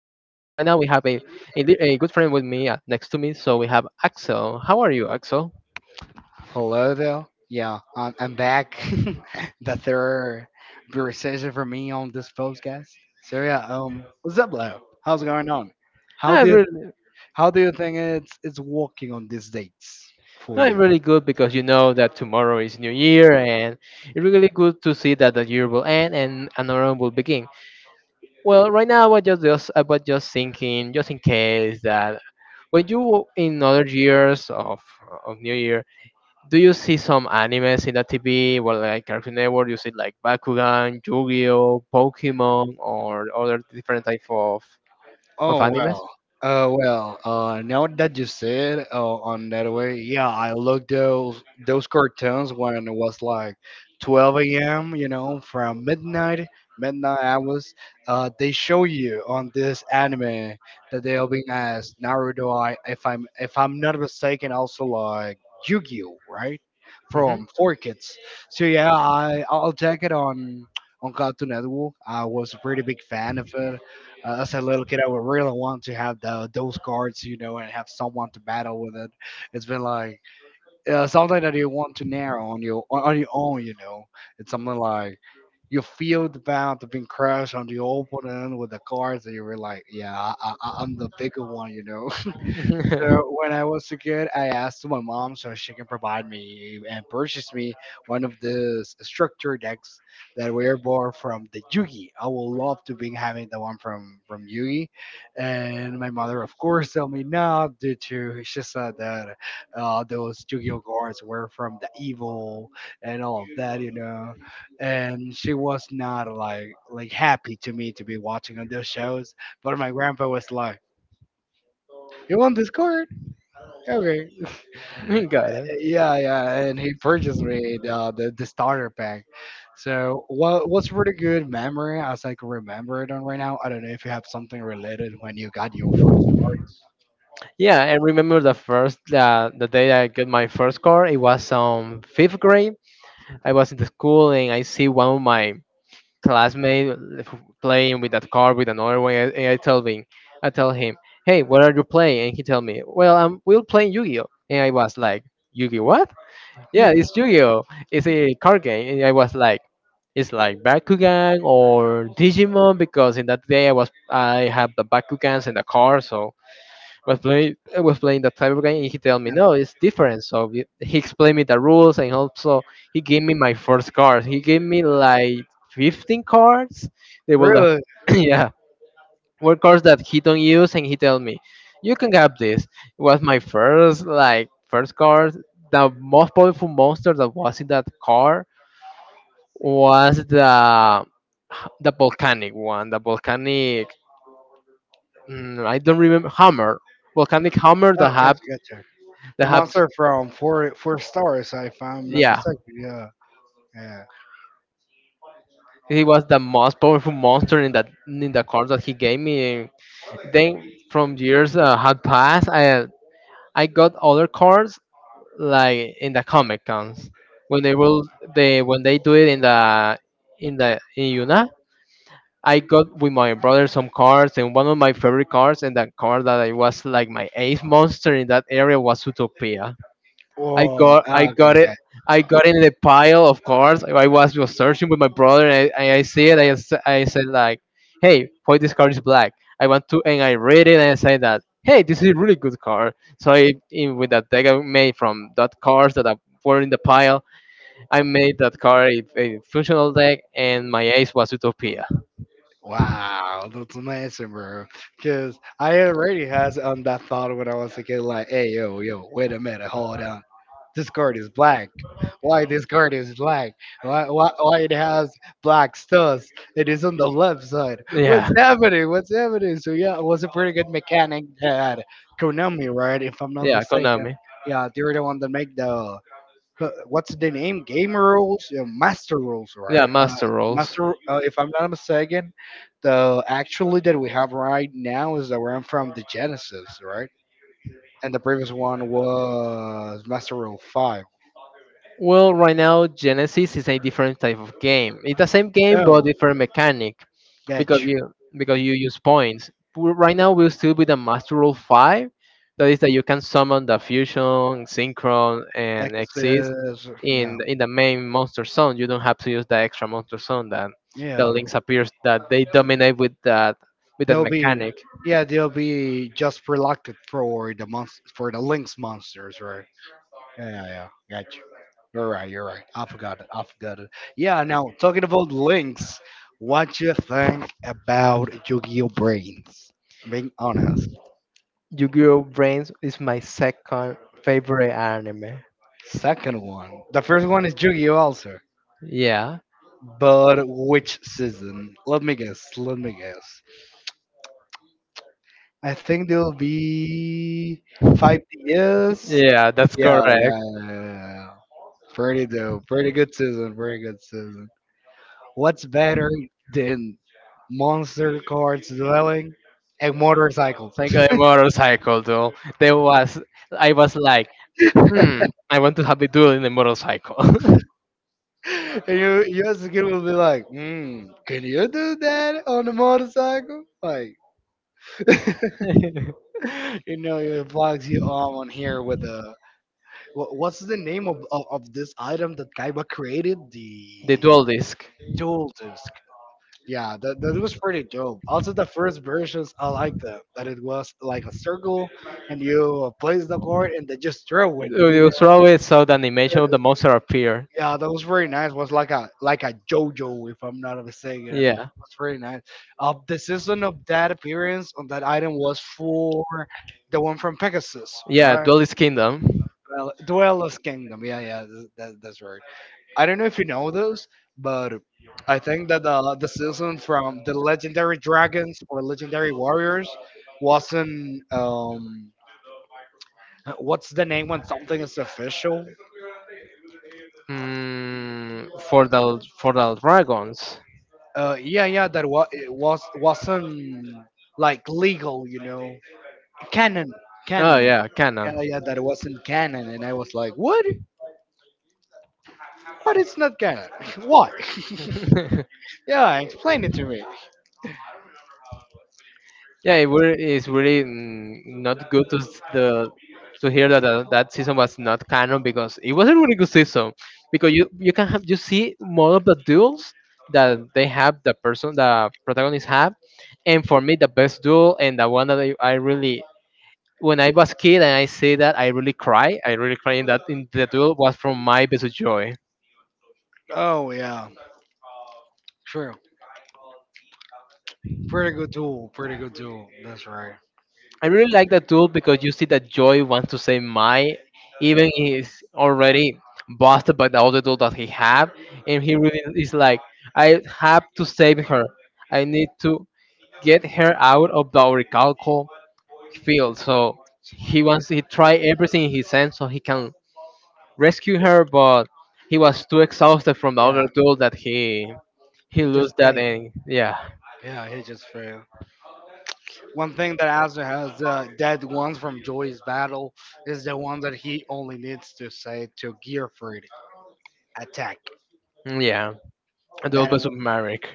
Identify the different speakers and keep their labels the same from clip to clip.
Speaker 1: we have a good friend with me next to me, so we have Axel. How are you, Axel?
Speaker 2: Hello there. Yeah, I'm back. The third recession for me on this podcast. So what's up, Leo? How's it going on? How do
Speaker 1: I'm
Speaker 2: you,
Speaker 1: really,
Speaker 2: how do you think it's working on these dates for
Speaker 1: I'm
Speaker 2: you?
Speaker 1: really good because you know that tomorrow is New Year, and it's really good to see that the year will end and another one will begin. Well, right now, I was just thinking, just in case that when you in other years of New Year, do you see some animes in the TV? Well, like Cartoon Network, you see like Bakugan, Yu-Gi-Oh, Pokemon, or other different type of
Speaker 2: Oh
Speaker 1: animes.
Speaker 2: well, Now that you said on that way, yeah, I looked those cartoons when it was like 12 a.m. You know, from midnight, midnight hours. They show you on this anime that they are being asked Naruto. If I'm not mistaken, also like Yu-Gi-Oh, right?
Speaker 1: Hmm.
Speaker 2: From Four Kids. So yeah, I'll check it on Cartoon Network. I was a pretty big fan of it as a little kid. I would really want to have those cards, you know, and have someone to battle with it. It's been like something that you want to narrow on your own, you know. It's something like you feel the bound of being crushed on the opponent with the cards, and you were like, yeah, I'm the bigger one, you know. So when I was a kid, I asked my mom so she can provide me and purchase me one of the structure decks that were bought from the Yugi. I would love to be having the one from Yugi, and my mother, of course, told me no due to she said that those Yu-Gi-Oh cards were from the evil and all of that, you know, and she was not like happy to me to be watching on those shows. But my grandpa was like, "You want this card?" Okay.
Speaker 1: Got it.
Speaker 2: Yeah, yeah, and he purchased me the the starter pack. So what's really good memory as I can remember it on right now. I don't know if you have something related when you got your first card.
Speaker 1: Yeah, I remember the first the day I got my first car. It was fifth grade. I was in the school and I see one of my classmate playing with that car with another one, and I tell him, I tell him, hey, what are you playing? And he tell me, well, I'm we'll playing Yu-Gi-Oh. And I was like, Yu-Gi what? Yeah,
Speaker 2: You
Speaker 1: it's Yu-Gi-Oh. It's a card game. And I was like, it's like Bakugan or Digimon because in that day I have the Bakugans and the card, so was playing that type of game, and he told me,
Speaker 2: Yeah,
Speaker 1: "No, it's different." So he explained me the rules, and also he gave me my first card. He gave me like 15 cards. They were the
Speaker 2: really?
Speaker 1: yeah, were cards that he don't use, and he told me, "You can have this." It was my first like first card. The most powerful monster that was in that card was the volcanic one, the volcanic. I don't remember hammer, volcanic hammer
Speaker 2: Oh, gotcha, gotcha. The
Speaker 1: that have
Speaker 2: monster from Four Stars, if I'm not
Speaker 1: yeah,
Speaker 2: mistaken. Yeah, yeah.
Speaker 1: he was the most powerful monster in that in the cards that he gave me. Then from years had passed, I got other cards like in the comic cons when they will they when they do it in the in Yuna. I got with my brother some cards, and one of my favorite cards, and that card that I was like my eighth monster in that area was Utopia.
Speaker 2: Oh,
Speaker 1: I
Speaker 2: okay,
Speaker 1: got it.
Speaker 2: okay.
Speaker 1: I got in the pile of cards. I was just searching with my brother, and I see it. I said like, "Hey, why this card is black?" I want to, and I read it, and I say that, "Hey, this is a really good card." So with that deck I made from that cards that were in the pile, I made that card a functional deck, and my ace was Utopia.
Speaker 2: Wow, that's amazing, bro. Because I already had on that thought when I was a kid, like, hey, yo, wait a minute, hold on. This card is black. Why this card is black? Why it has black studs? It is on the left side.
Speaker 1: Yeah,
Speaker 2: What's happening? So yeah, it was a pretty good mechanic that Konami, right? If I'm not
Speaker 1: yeah, Konami.
Speaker 2: mistaken, yeah, they were the one that make the what's the name? Game rules, yeah, master rules,
Speaker 1: Yeah,
Speaker 2: right?
Speaker 1: Master Rolls.
Speaker 2: If I'm not mistaken, the actually that we have right now is the one from the Genesis, right? And the previous one was Master Rule Five.
Speaker 1: Well, right now Genesis is a different type of game. It's the same game but
Speaker 2: Oh,
Speaker 1: different mechanic because
Speaker 2: gotch.
Speaker 1: you because you use points. Right now we're still with the Master Rule Five, that is that you can summon the fusion, synchron, and exist
Speaker 2: X's, yeah,
Speaker 1: in the main monster zone. You don't have to use the extra monster zone that the
Speaker 2: yeah.
Speaker 1: links appears that they dominate with that
Speaker 2: They'll be
Speaker 1: mechanic.
Speaker 2: Yeah, they'll be just reluctant for the monst for the Lynx monsters, right? Yeah, yeah, yeah. Gotcha. You're right, you're right. I forgot it. Yeah, now talking about Lynx, what you think about Yu-Gi-Oh! Brains? I'm being honest.
Speaker 1: Yu-Gi-Oh! Brains is my second favorite anime.
Speaker 2: Second one. The first one is Yu-Gi-Oh! Also.
Speaker 1: Yeah,
Speaker 2: But which season? Let me guess. I think there'll be five DS. Yeah,
Speaker 1: yeah, that's
Speaker 2: yeah, yeah.
Speaker 1: correct.
Speaker 2: Yeah, yeah, yeah. Pretty dope. Pretty good season. What's better than monster cards dwelling and motorcycles?
Speaker 1: Like a motorcycle duel. There was, I was like, hmm,
Speaker 2: And
Speaker 1: I want to have a duel in a motorcycle.
Speaker 2: you as a kid will be like, mm, can you do that on a motorcycle? Like,
Speaker 1: The
Speaker 2: you know, it vlogs you all on here with a. What's the name of this item that Kaiba created? The
Speaker 1: dual disc.
Speaker 2: dual disc. That was pretty dope. Also, the first versions, I like them. That it was like a circle, and you place the card, and they just throw it.
Speaker 1: You
Speaker 2: You
Speaker 1: you
Speaker 2: know,
Speaker 1: throw it so the animation of the
Speaker 2: That-
Speaker 1: monster appear.
Speaker 2: yeah, that was very nice. Was like a JoJo, if I'm not mistaken.
Speaker 1: Yeah.
Speaker 2: It's very nice. The season of that appearance on that item was for the one from Pegasus,
Speaker 1: Yeah,
Speaker 2: right?
Speaker 1: Duelist Kingdom.
Speaker 2: Well, Duelist Kingdom. Yeah, yeah, that's right. I don't know if you know those, but I think that the season from the Legendary Dragons or Legendary Warriors wasn't what's the name when something is official?
Speaker 1: Mm, for the dragons.
Speaker 2: Yeah, yeah, that was it was wasn't like legal, you know. Canon,
Speaker 1: Oh
Speaker 2: canon.
Speaker 1: yeah,
Speaker 2: Yeah,
Speaker 1: canon.
Speaker 2: yeah, that wasn't canon and I was like, "What? What is not canon? Why?" Yeah, explain it to me.
Speaker 1: Yeah, it were, it's really not good to the so here that season was not canon because it was a really good season because you can have you see more of the duels that they have the person the protagonists have, and for me the best duel and the one that I really when I was kid and I see that I really cry in that in the duel was from My Best Joy.
Speaker 2: Oh yeah. True. Pretty good duel. That's right.
Speaker 1: I really like that duel because you see that Joy wants to save Mai even he's already busted by the other dude that he have and he really is like I have to save her, I need to get her out of the agricultural field, so he wants he try everything in his sense so he can rescue her, but he was too exhausted from the other
Speaker 2: Yeah.
Speaker 1: dude that he
Speaker 2: He just
Speaker 1: lose that
Speaker 2: failed.
Speaker 1: and yeah.
Speaker 2: Yeah, he just failed. One thing that Asa has that ones from Joy's battle is the one that he only needs to say to Gearfried attack.
Speaker 1: Yeah, duel
Speaker 2: That wa-
Speaker 1: versus Merrick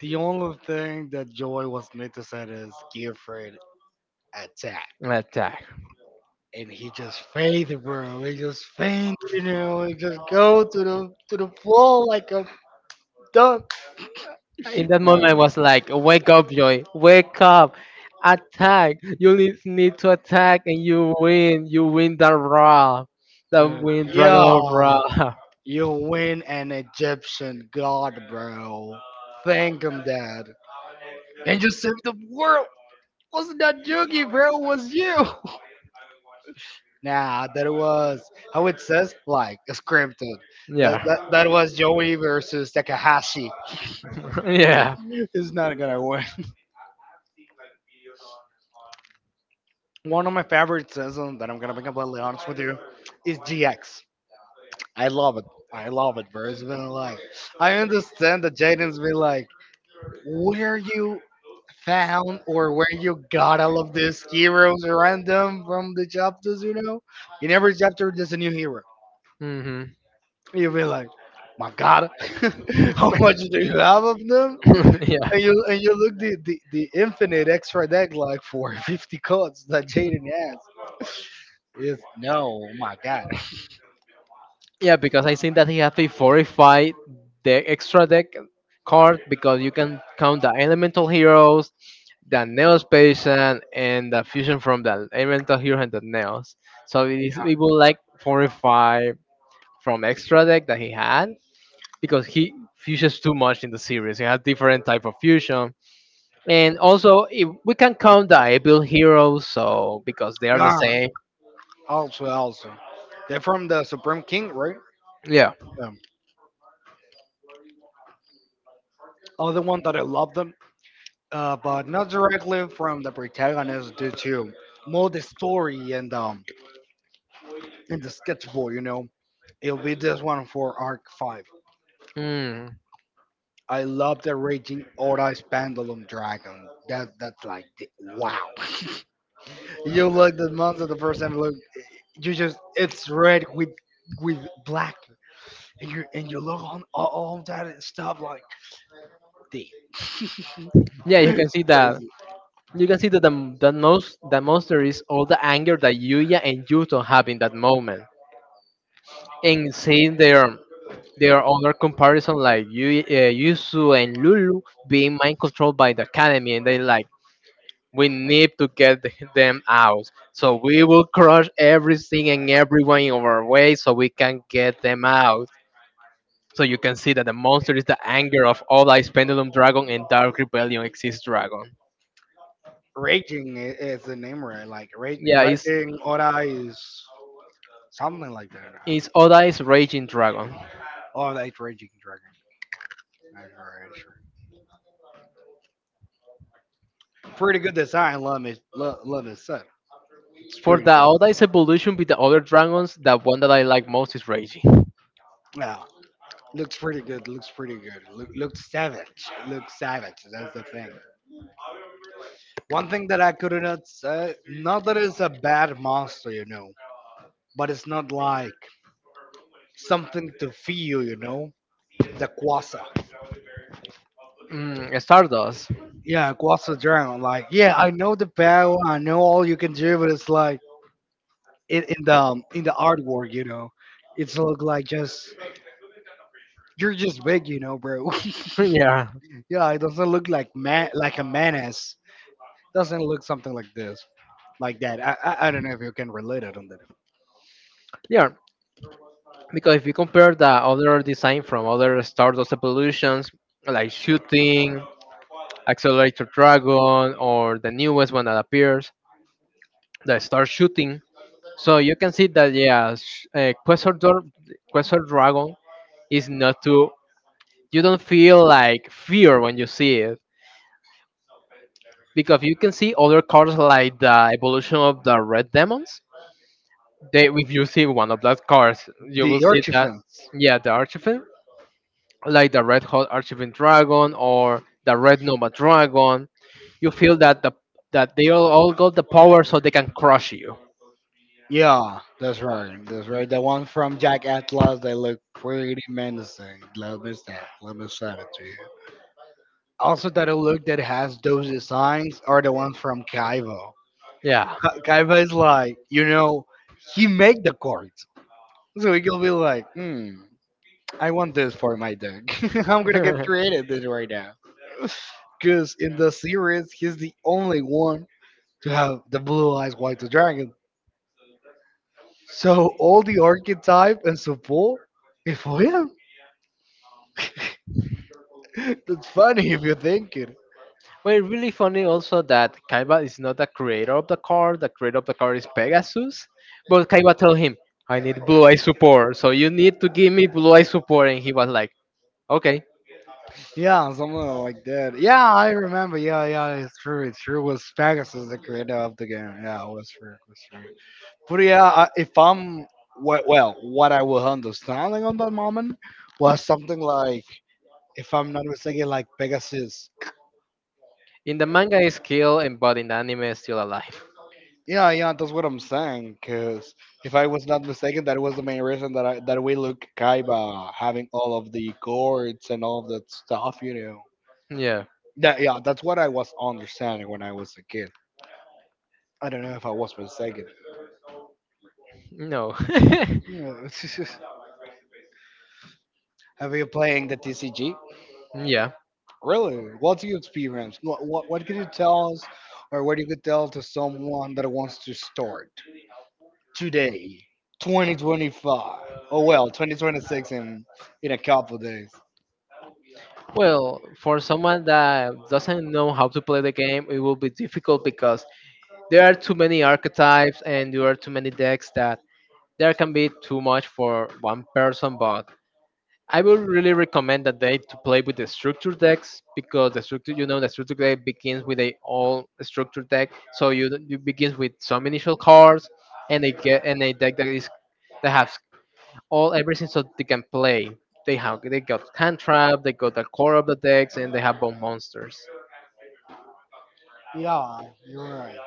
Speaker 2: the only thing that Joy was need to say is Gearfried attack,
Speaker 1: attack.
Speaker 2: and he just fainted, bro. He just fainted, you know. He just go to the floor like a dump.
Speaker 1: In that moment, I
Speaker 2: No,
Speaker 1: was like, "Wake up, Joy! Wake up! Attack! You need to attack, and you win! You win the Raw, the
Speaker 2: dude,
Speaker 1: win Dragon of
Speaker 2: yeah,
Speaker 1: Raw."
Speaker 2: you win an Egyptian god, bro. Thank him, Dad. And you saved the world. Wasn't that Yugi, bro? It was you. Nah, that was how it says, like scripted.
Speaker 1: Yeah.
Speaker 2: That was Joey versus Takahashi.
Speaker 1: Yeah.
Speaker 2: It's not gonna win. One of my favorite seasons that I'm gonna be completely honest with you is GX. I love it. I love it, bro. It's been like I understand that Jaden's been like where you found or where you got all of these heroes random from the chapters, you know? In every chapter, there's a new hero.
Speaker 1: Hmm.
Speaker 2: You'll be like, my God, how much do you have of them?
Speaker 1: Yeah.
Speaker 2: And you look the infinite extra deck like for 50 cards that Jaden has. It's no, oh my God.
Speaker 1: Yeah, because I think that he has to fortify the extra deck card because you can count the elemental heroes, the Neos patient, and the fusion from the elemental hero and the Neos. So it is it will like fortify from extra deck that he had because he fusions too much in the series. He has different type of fusion. And also if we can count the able heroes so because they are the
Speaker 2: Yeah,
Speaker 1: same.
Speaker 2: also, also. They're from the Supreme King, right?
Speaker 1: Yeah.
Speaker 2: Um, other one that I love them but not directly from the protagonist due to more the story and the sketchbook. You know, it'll be this one for Arc Five.
Speaker 1: Mm.
Speaker 2: I love the raging Odai's Pendulum Dragon. That's like the, wow. You look the monster the first time you look, you just it's red with black, and you look on all that stuff like this.
Speaker 1: Yeah, you can see that.
Speaker 2: Crazy.
Speaker 1: You can see that the most the monster is all the anger that Yuya and Yuto have in that moment, and seeing their other comparison like Yusu and Lulu being mind controlled by the academy, and they like we need to get them out, so we will crush everything and everyone in our way, so we can get them out. So you can see that the monster is the anger of all Ice Pendulum Dragon and Dark Rebellion Exist Dragon.
Speaker 2: Raging is the name right? Like
Speaker 1: Yeah, it's,
Speaker 2: raging Odai is. Something like that.
Speaker 1: it's Oda is Raging Dragon.
Speaker 2: Oh, the eighth raging dragon. That's right, that's right. Pretty good design. Love it. Love it. Set. It's
Speaker 1: For
Speaker 2: pretty
Speaker 1: the
Speaker 2: dope.
Speaker 1: Oda is evolution with the other dragons, the one that I like most is Raging.
Speaker 2: Yeah. Looks pretty good. Looks pretty good. Looks savage. Looks savage. That's the thing. One thing that I couldn't say, not that it's a bad monster, you know, but it's not like something to feel, you know. The Quasa.
Speaker 1: Mm, Stardust.
Speaker 2: Yeah, Quasa Dragon. Like, yeah, I know the power. I know all you can do, but it's like. In the in the artwork, you know, it's look like just you're just big, you know, bro.
Speaker 1: Yeah.
Speaker 2: Yeah, it doesn't look like man like a menace. Doesn't look something like this, like that. I don't know if you can relate it on that.
Speaker 1: Yeah. Because if you compare the other design from other Star Wars evolutions, like shooting, Accelerator Dragon, or the newest one that appears, the Star Shooting, so you can see that yeah, Quasar, Quasar Dragon is not too. You don't feel like fear when you see it because you can see other cards like the evolution of the Red Demons. They, if you see one of those cards, you
Speaker 2: The
Speaker 1: will see that
Speaker 2: Archifans.
Speaker 1: yeah, the Archfiend like the Red Hot Archiving Dragon or the Red Nova Dragon. You feel that the that they all got the power so they can crush you.
Speaker 2: Yeah, that's right. That's right. The one from Jack Atlas, they look pretty menacing. Let me say it to you. Also, that look that has those designs are the one from Kaivo.
Speaker 1: Yeah.
Speaker 2: Kaiba is like, you know, he make the card, so he can be like, hmm, I want this for my deck. I'm gonna get creative this right now. Cause in the series, he's the only one to have the blue eyes white dragon. So all the archetype and support is for him. That's funny if you think it.
Speaker 1: But it's really funny also that Kaiba is not the creator of the card. The creator of the card is Pegasus. But Kaiba told him, I need blue eye support, so you need to give me blue eye support. And he was like, okay.
Speaker 2: Yeah, something like that. Yeah, I remember. Yeah, yeah, it's true. It's true. It was Pegasus the creator of the game. Yeah, it was true. It was true. But yeah, I- if I'm we- well, what I was understanding on that moment was something like, if I'm not mistaken, like Pegasus.
Speaker 1: In the manga, he's killed, and but in the anime, is still alive.
Speaker 2: Yeah, yeah, that's what I'm saying. Cause if I was not mistaken, that was the main reason that I that we look Kaiba having all of the gourds and all of that stuff. You know.
Speaker 1: Yeah.
Speaker 2: Yeah, yeah, that's what I was understanding when I was a kid. I don't know if I was mistaken.
Speaker 1: No.
Speaker 2: Yeah. Have you playing the TCG?
Speaker 1: Yeah.
Speaker 2: Really? What's your experience? What can you tell us, or what you could tell to someone that wants to start today, 2025? Oh well, 2026 in a couple of days.
Speaker 1: Well, for someone that doesn't know how to play the game, it will be difficult because there are too many archetypes and there are too many decks that there can be too much for one person. But I would really recommend that they to play with the structure decks because the structure, you know, the structure deck begins with a all structure deck, so you begins with some initial cards and a get and a deck that is that has all everything so they can play. They have they got hand trap. They got the core of the decks, and they have bone monsters.
Speaker 2: Yeah, you're right.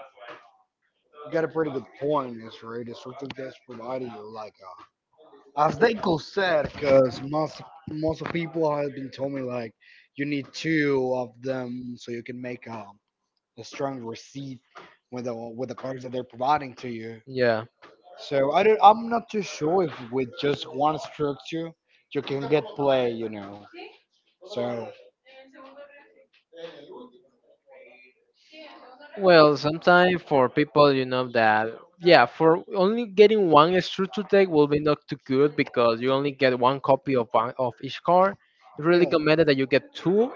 Speaker 2: You got a pretty good point, Miss Reed. It's something that's providing you like a, as they could said, because most of people have been told me like you need two of them so you can make a strong receipt with the cards that they're providing to you.
Speaker 1: Yeah.
Speaker 2: So I don't, I'm not too sure if with just one structure you can get play, you know. So
Speaker 1: Well, sometimes for people, you know that yeah, for only getting one structure deck will be not too good because you only get one copy of one of each card. It's really
Speaker 2: yeah,
Speaker 1: recommended that you get two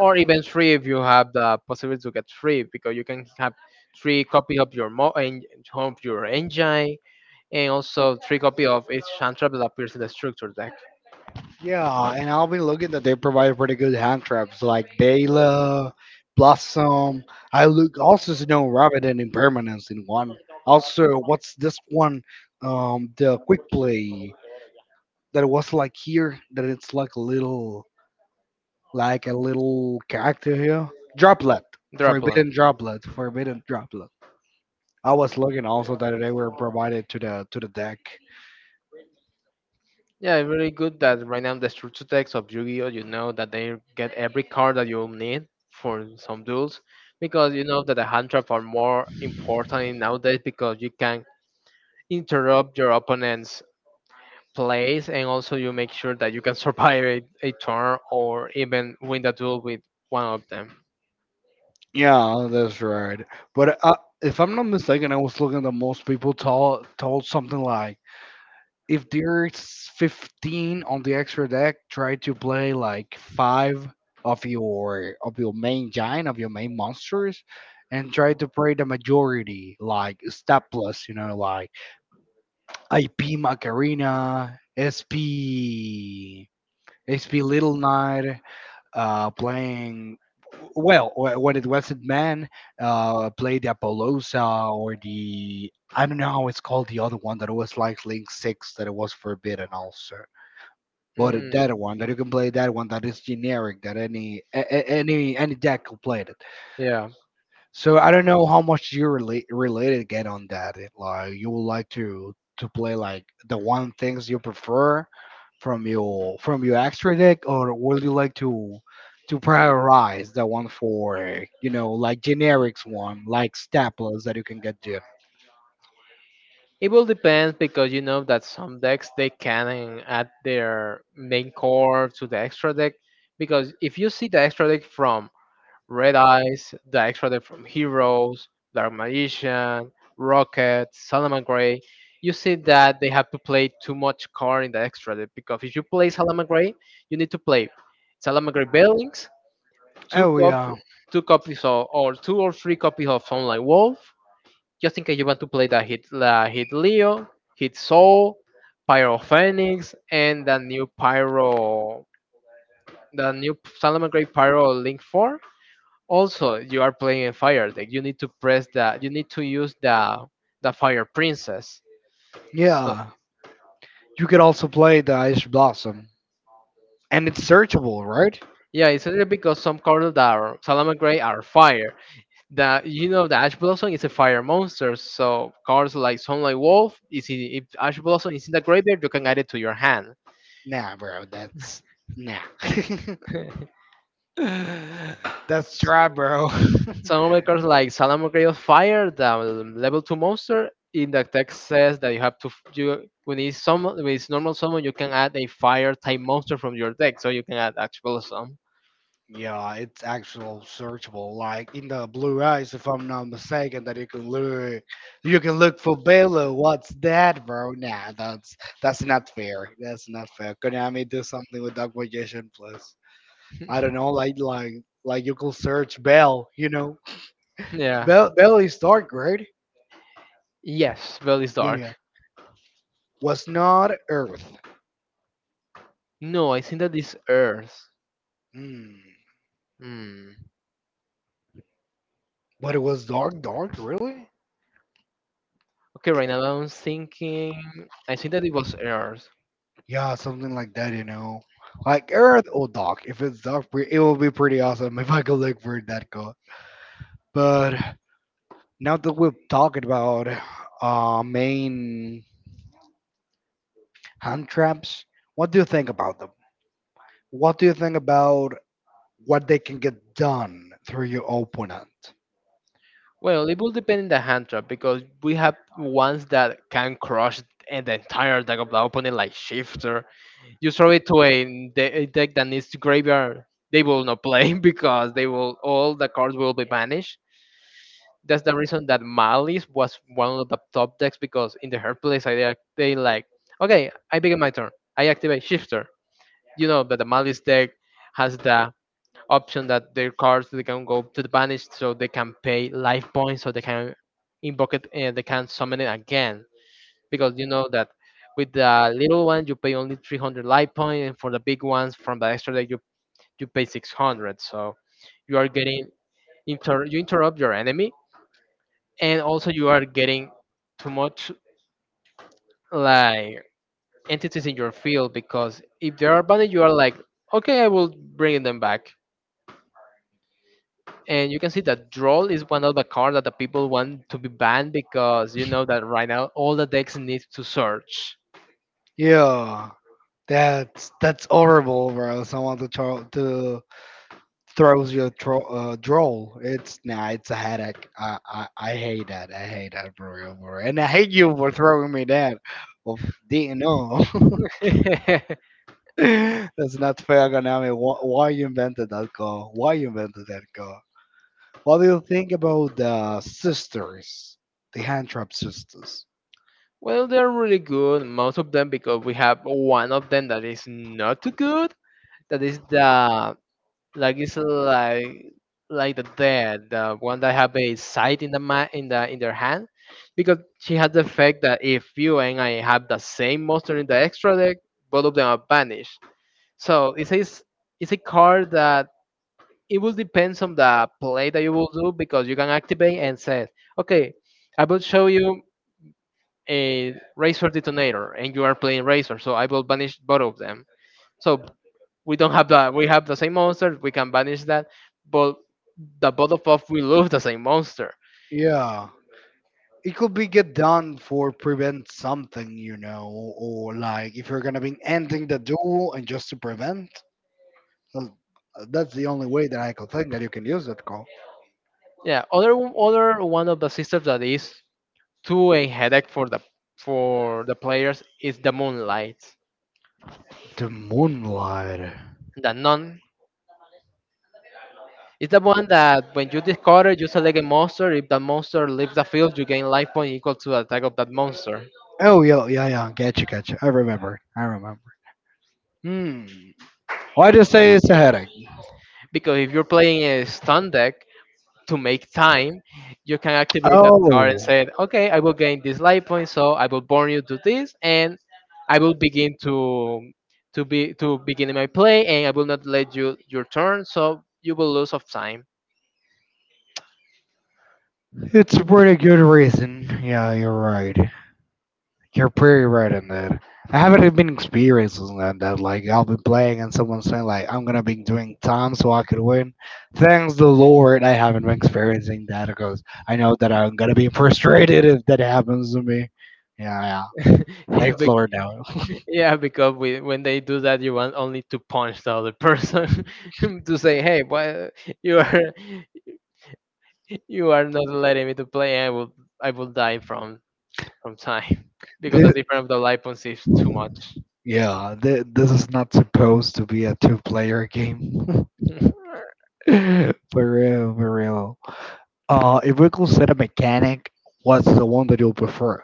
Speaker 1: or even three if you have the possibility to get three because you can have three copy of your of your engine and also three copy of each hand trap that appears in the structure deck.
Speaker 2: yeah, and I've been looking that they provide pretty good hand traps like Bela, Blossom. I look also Snow Rabbit and Impermanence in one. Also, what's this one? The quick play that was like here that it's like a little character here. Droplet.
Speaker 1: Droplet.
Speaker 2: Forbidden droplet. Forbidden droplet. I was looking also that they were provided to the deck.
Speaker 1: Yeah, it's really good that right now the structure decks of Yu-Gi-Oh, you know that they get every card that you'll need for some duels because you know that the hand traps are more important nowadays because you can interrupt your opponent's plays and also you make sure that you can survive a turn or even win the duel with one of them.
Speaker 2: Yeah, that's right. But if I'm not mistaken, I was looking that most people told something like if there's 15 on the extra deck, try to play like five of your main giant of your main monsters, and try to play the majority like Staples, you know, like IP Macarena, SP It's been Little Night playing. Well, when it was not man, played the Apollosa or the I don't know how it's called the other one that was like Link Six that it was forbidden also. But
Speaker 1: Mm,
Speaker 2: that one that you can play that one that is generic that any any deck could play it.
Speaker 1: yeah.
Speaker 2: So I don't know how much you related get on that, like you would like to play like the one things you prefer from your extra deck, or would you like to prioritize the one for you know, like generics one like staplers that you can get there?
Speaker 1: It will depend because you know that some decks they can add their main core to the extra deck. Because if you see the extra deck from Red Eyes, the extra deck from Heroes, Dark Magician, Rocket, Salaman Gray, you see that they have to play too much card in the extra deck. Because if you play Salaman Gray, you need to play Salaman Gray Bellings, two
Speaker 2: Oh
Speaker 1: cop
Speaker 2: yeah,
Speaker 1: two copies of or two or three copies of Sunlight Wolf, just in case you want to play the hit Leo, hit Soul, Pyro Phoenix, and the new Pyro, the new Salamangreat Pyro Link Four. Also, you are playing a fire deck. You need to use the Fire Princess. So
Speaker 2: yeah. You could also play the Ice Blossom, and it's searchable, right?
Speaker 1: yeah, it's only because some cards that are Salamangreat are fire. The you know The Ash Blossom is a fire monster, so cards like Sunlight Wolf is in, if Ash Blossom is in the graveyard, you can add it to your hand.
Speaker 2: Nah, bro, that's nah. That's dry, bro.
Speaker 1: Some like Salamogredo fire the level two monster. In the text says that you have to you when it's normal summon you can add a fire type monster from your deck, so you can add actual summon.
Speaker 2: Yeah, it's actual searchable. Like in the blue eyes, if I'm not mistaken, that you can look for Balo. What's that, bro? Nah, that's not fair. That's not fair. Konami do something with Acquisition Plus. I don't know, like you could search Bell.
Speaker 1: Yeah.
Speaker 2: Bell is dark, right?
Speaker 1: Yes, Bell is
Speaker 2: Yeah, yeah.
Speaker 1: dark.
Speaker 2: Was not Earth.
Speaker 1: No, I think that is Earth.
Speaker 2: Hmm.
Speaker 1: Hmm.
Speaker 2: But it was dark, dark, really?
Speaker 1: Okay,
Speaker 2: It,
Speaker 1: right now I'm thinking. I think that it was Earth.
Speaker 2: yeah, something like that, you know. Like Earth or Doc. If it's Doc, it will be pretty awesome if I could look for that call. But now that we're talking about main hand traps, what do you think about them? What do you think about what they can get done through your opponent?
Speaker 1: Well, it will depend on the hand trap because we have ones that can crush and the entire deck of the opponent, like Shifter, you throw it to a deck that needs to graveyard, they will not play because they will all the cards will be banished. That's the reason that Malice was one of the top decks because in the hard place, I they like okay, I begin my turn, I activate Shifter. You know that the Malice deck has the option that their cards they can go to the banished, so they can pay life points, so they can invoke it and they can summon it again because you know that with the little one you pay only 300 light point and for the big ones from the extra deck you pay 600, so you are getting you interrupt your enemy, and also you are getting too much like entities in your field because if they are banned you are like okay, I will bring them back. And you can see that Droll is one of the cards that the people want to be banned because you know that right now all the decks need to search.
Speaker 2: Yeah, that's horrible, bro. Someone to try to droll. It's nah, it's a headache. I hate that. I hate that, bro. And I hate you for throwing me that. Of didn't know. That's not fair, Konami. Why you invented that car? Why you invented that car? What do you think about the sisters, the hand trap sisters?
Speaker 1: Well, they're really good, most of them, because we have one of them that is not too good. That is the like it's like the dead, the one that have a sight in the in their hand, because she has the effect that if you and I have the same monster in the extra deck, both of them are banished. So it's a card that it will depends on the play that you will do because you can activate and say, okay, I will show you a Razor Detonator, and you are playing Razor, so I will banish both of them. So we don't have that. We have the same monster. We can banish that, but the both of us will lose the same monster.
Speaker 2: Yeah, it could be get done for prevent something, you know, or like if you're gonna be ending the duel and just to prevent. Well, that's the only way that I could think that you can use that call.
Speaker 1: Yeah. Other one of the systems that is to a headache for the players is the Moonlight.
Speaker 2: The moonlight.
Speaker 1: The none is the one that when you discard it, you select a monster. If that monster leaves the field, you gain life point equal to the attack of that monster.
Speaker 2: Oh, yeah, yeah, yeah. Gotcha, gotcha. I remember. I remember. Hmm. Why do you say it's a headache?
Speaker 1: Because if you're playing a stun deck, to make time, you can activate that
Speaker 2: Oh,
Speaker 1: card and say, okay, I will gain this life point, so I will burn you to this, and I will begin to begin my play, and I will not let you your turn, so you will lose of time.
Speaker 2: it's a pretty good reason. Yeah, you're right. You're pretty right in that. I haven't even been experiencing that. Like, I'll be playing and someone's saying, like, I'm going to be doing time so I could win. Thanks the Lord, I haven't been experiencing that because I know that I'm going to be frustrated if that happens to me. Yeah, yeah.
Speaker 1: yeah,
Speaker 2: Thanks,
Speaker 1: be-
Speaker 2: Lord, no.
Speaker 1: yeah, because we, when they do that, you want only to punch the other person to say, hey, why you are you are not letting me to play, and I will die from time because the
Speaker 2: This,
Speaker 1: difference of the life points is too much.
Speaker 2: this is not supposed to be a two-player game. For real, for real. If we could set a mechanic, what's the one that you'll prefer?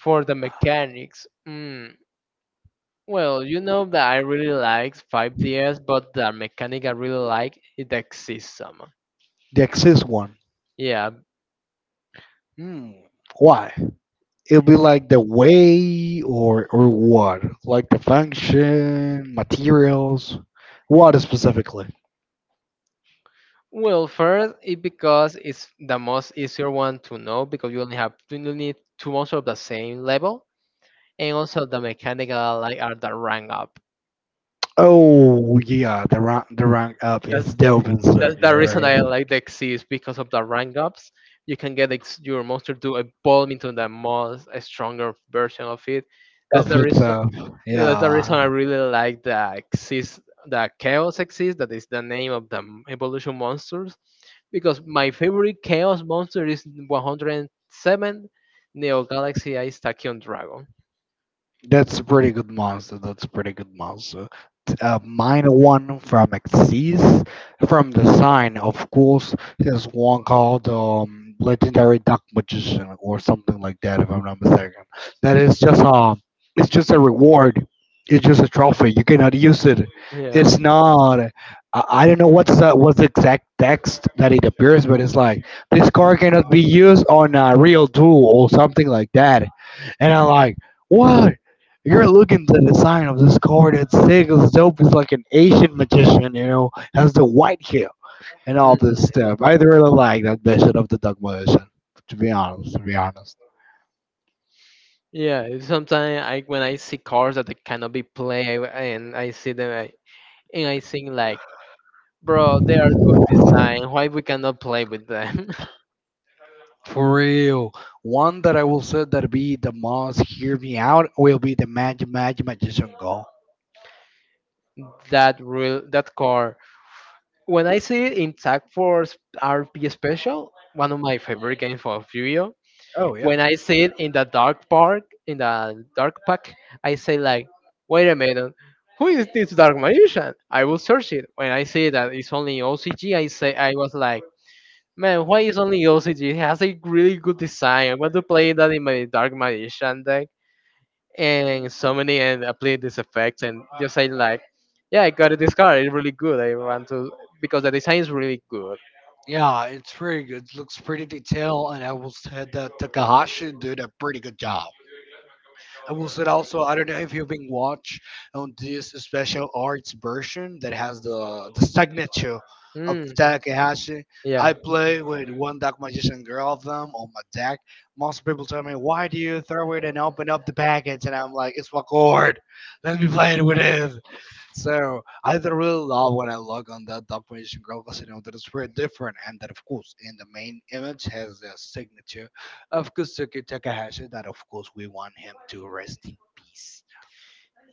Speaker 1: For the mechanics, well, you know that I really like 5DS, but the mechanic I really like is the system.
Speaker 2: The Axis one.
Speaker 1: Yeah,
Speaker 2: Hmm. Why? It'll be like the way or what? Like the function, materials, what specifically?
Speaker 1: well, first it because it's the most easier one to know because you only need two monsters of the same level, and also the mechanic that I like are the rank up.
Speaker 2: Oh yeah, the rank up
Speaker 1: That's
Speaker 2: is dope and sick.
Speaker 1: that's the reason
Speaker 2: Right.
Speaker 1: I like the Xyz because of the rank ups. You can get your monster to evolve into the most stronger version of it. That's
Speaker 2: Stuff
Speaker 1: the
Speaker 2: it's
Speaker 1: reason. Yeah, that's the reason
Speaker 2: yeah.
Speaker 1: I really like the chaos exist. That is the name of the evolution monsters, because my favorite chaos monster is 107 Neo Galaxy Ice Tachyon Dragon.
Speaker 2: That's a pretty good monster. That's a pretty good monster. A minor one from Xyz from the sign, of course. There's one called Legendary Dark Magician or something like that, if I'm not mistaken. That is just it's just a reward. It's just a trophy. You cannot use it.
Speaker 1: Yeah.
Speaker 2: It's not. I don't know what's what's the exact text that it appears, but it's like this card cannot be used on a real duel or something like that. And I'm like, what? You're looking to the sign of this card that Sega's dope is like an Asian magician, you know, has the white hair and all this
Speaker 1: Mhm.
Speaker 2: stuff. I really like that version of the Dark Magician, to be honest.
Speaker 1: Yeah. Sometimes I when I see cards that they cannot be played and I see them I think like, bro, they are good design. Why we cannot play with them?
Speaker 2: For real. One that I will say that be the most hear me out will be the Magic Magician Go.
Speaker 1: That real that car. When I see it in Tag Force RP Special, one of my favorite games of Yu-Gi-Oh!
Speaker 2: Oh yeah.
Speaker 1: When I see it in the Dark Pack, I say like, wait a minute, who is this Dark Magician? I will search it. When I see that it's only OCG, I was like, man, why is only OCG? It has a really good design. I want to play that in my Dark Magician deck and summon it and apply this effect and just say like yeah, I got this card. It's really good. I want to, because the design is really good.
Speaker 2: Yeah, it's pretty good. It looks pretty detailed and I will say that Takahashi did a pretty good job. I will say also, I don't know if you've been watch on this special arts version that has the signature of
Speaker 1: Hmm.
Speaker 2: Takahashi. I
Speaker 1: Yeah.
Speaker 2: play with one Dark Magician Girl of them on my deck. Most people tell me, why do you throw it and open up the package? And I'm like, it's my card. Let me play it with it. So I do really love when I look on that Dark Magician Girl because you know that it's very different and that of course in the main image has a signature of Kusuke Takahashi, that of course we want him to rest in peace.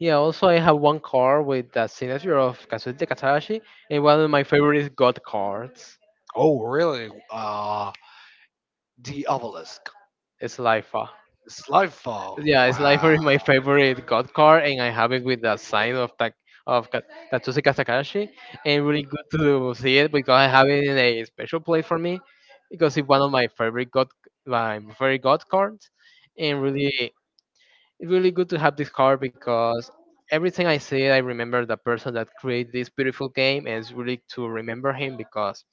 Speaker 1: Yeah, also I have one card with the signature of Kazuhito Katarashi, and one of my favorite god cards
Speaker 2: Oh, really? The obelisk.
Speaker 1: is Lifa.
Speaker 2: The Slightfall.
Speaker 1: Yeah, it's
Speaker 2: Wow.
Speaker 1: Lifer is my favorite god card, and I have it with the sign of of Ka- Tatsushi Katakashi. And really good to see it because I have it in a special place for me because it's one of my favorite god cards, and really it's really good to have this card because everything I see, I remember the person that created this beautiful game, and it's really to remember him because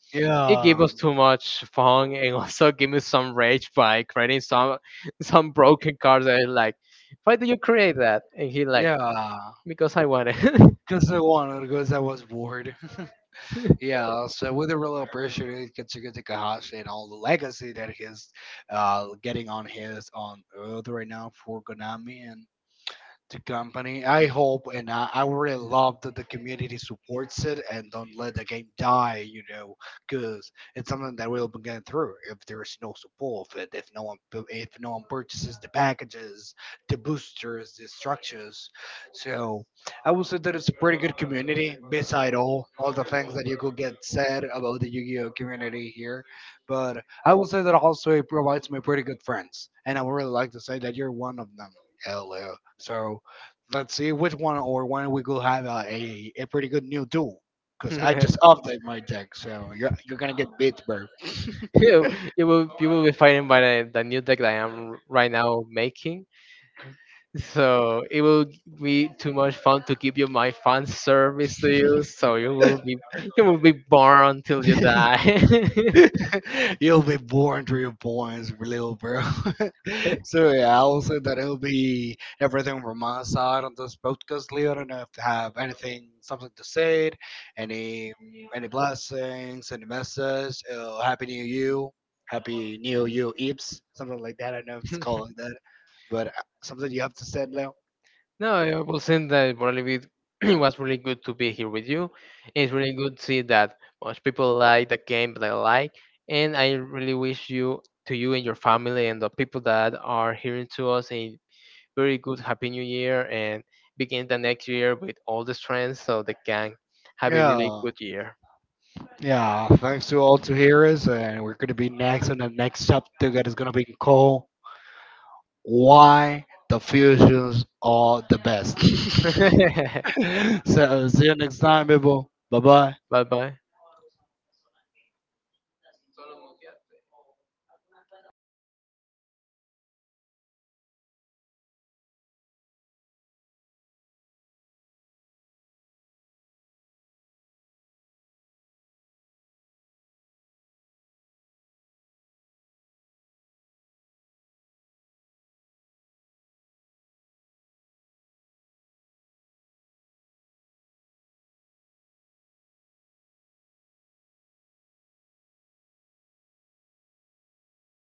Speaker 1: it gave
Speaker 2: Yeah.
Speaker 1: us too much fun and also gave me some rage by creating some some broken cards. I like, why do you create that? And he like,
Speaker 2: Yeah.
Speaker 1: because I want it.
Speaker 2: Because I wanted, because I was bored. Yeah, so we really appreciate Katsuki Takahashi and all the legacy that he's getting on his on Earth right now for Konami, and the company. I hope and I really love that the community supports it and don't let the game die, you know, because it's something that we'll be going through if there is no support of it, if no one purchases the packages, the boosters, the structures. So I would say that it's a pretty good community, beside all the things that you could get said about the Yu-Gi-Oh community here. But I will say that also it provides me pretty good friends, and I would really like to say that you're one of them. Hello. So let's see which one or when we will have a pretty good new duel. Because I
Speaker 1: you,
Speaker 2: just update my deck, so you're gonna get beat, bro.
Speaker 1: you will be fighting by the new deck that I am right now making. So it will be too much fun to give you my fan service to you. So you will be born until you die.
Speaker 2: You'll be born to your points, little bro. So yeah, I'll say that'll it be everything from my side on this podcast, Leo. I don't know if you have anything, something to say, any any blessings, any message. Happy New You, Happy New You, Eeps, something like that. I don't know if it's called like that, but something you have to say, Leo.
Speaker 1: No, I was saying that probably it it was really good to be here with you. It's really good to see that most people like the game that I like, and I really wish you to you and your family and the people that are hearing to us in very good Happy New Year, and begin the next year with all the strength so they can have a really
Speaker 2: Yeah,
Speaker 1: good year.
Speaker 2: yeah. Thanks to all to hear us, and we're gonna be next on the next chapter that is gonna be called why the fusions are the best. So see you next time, people. Bye bye.
Speaker 1: Bye bye.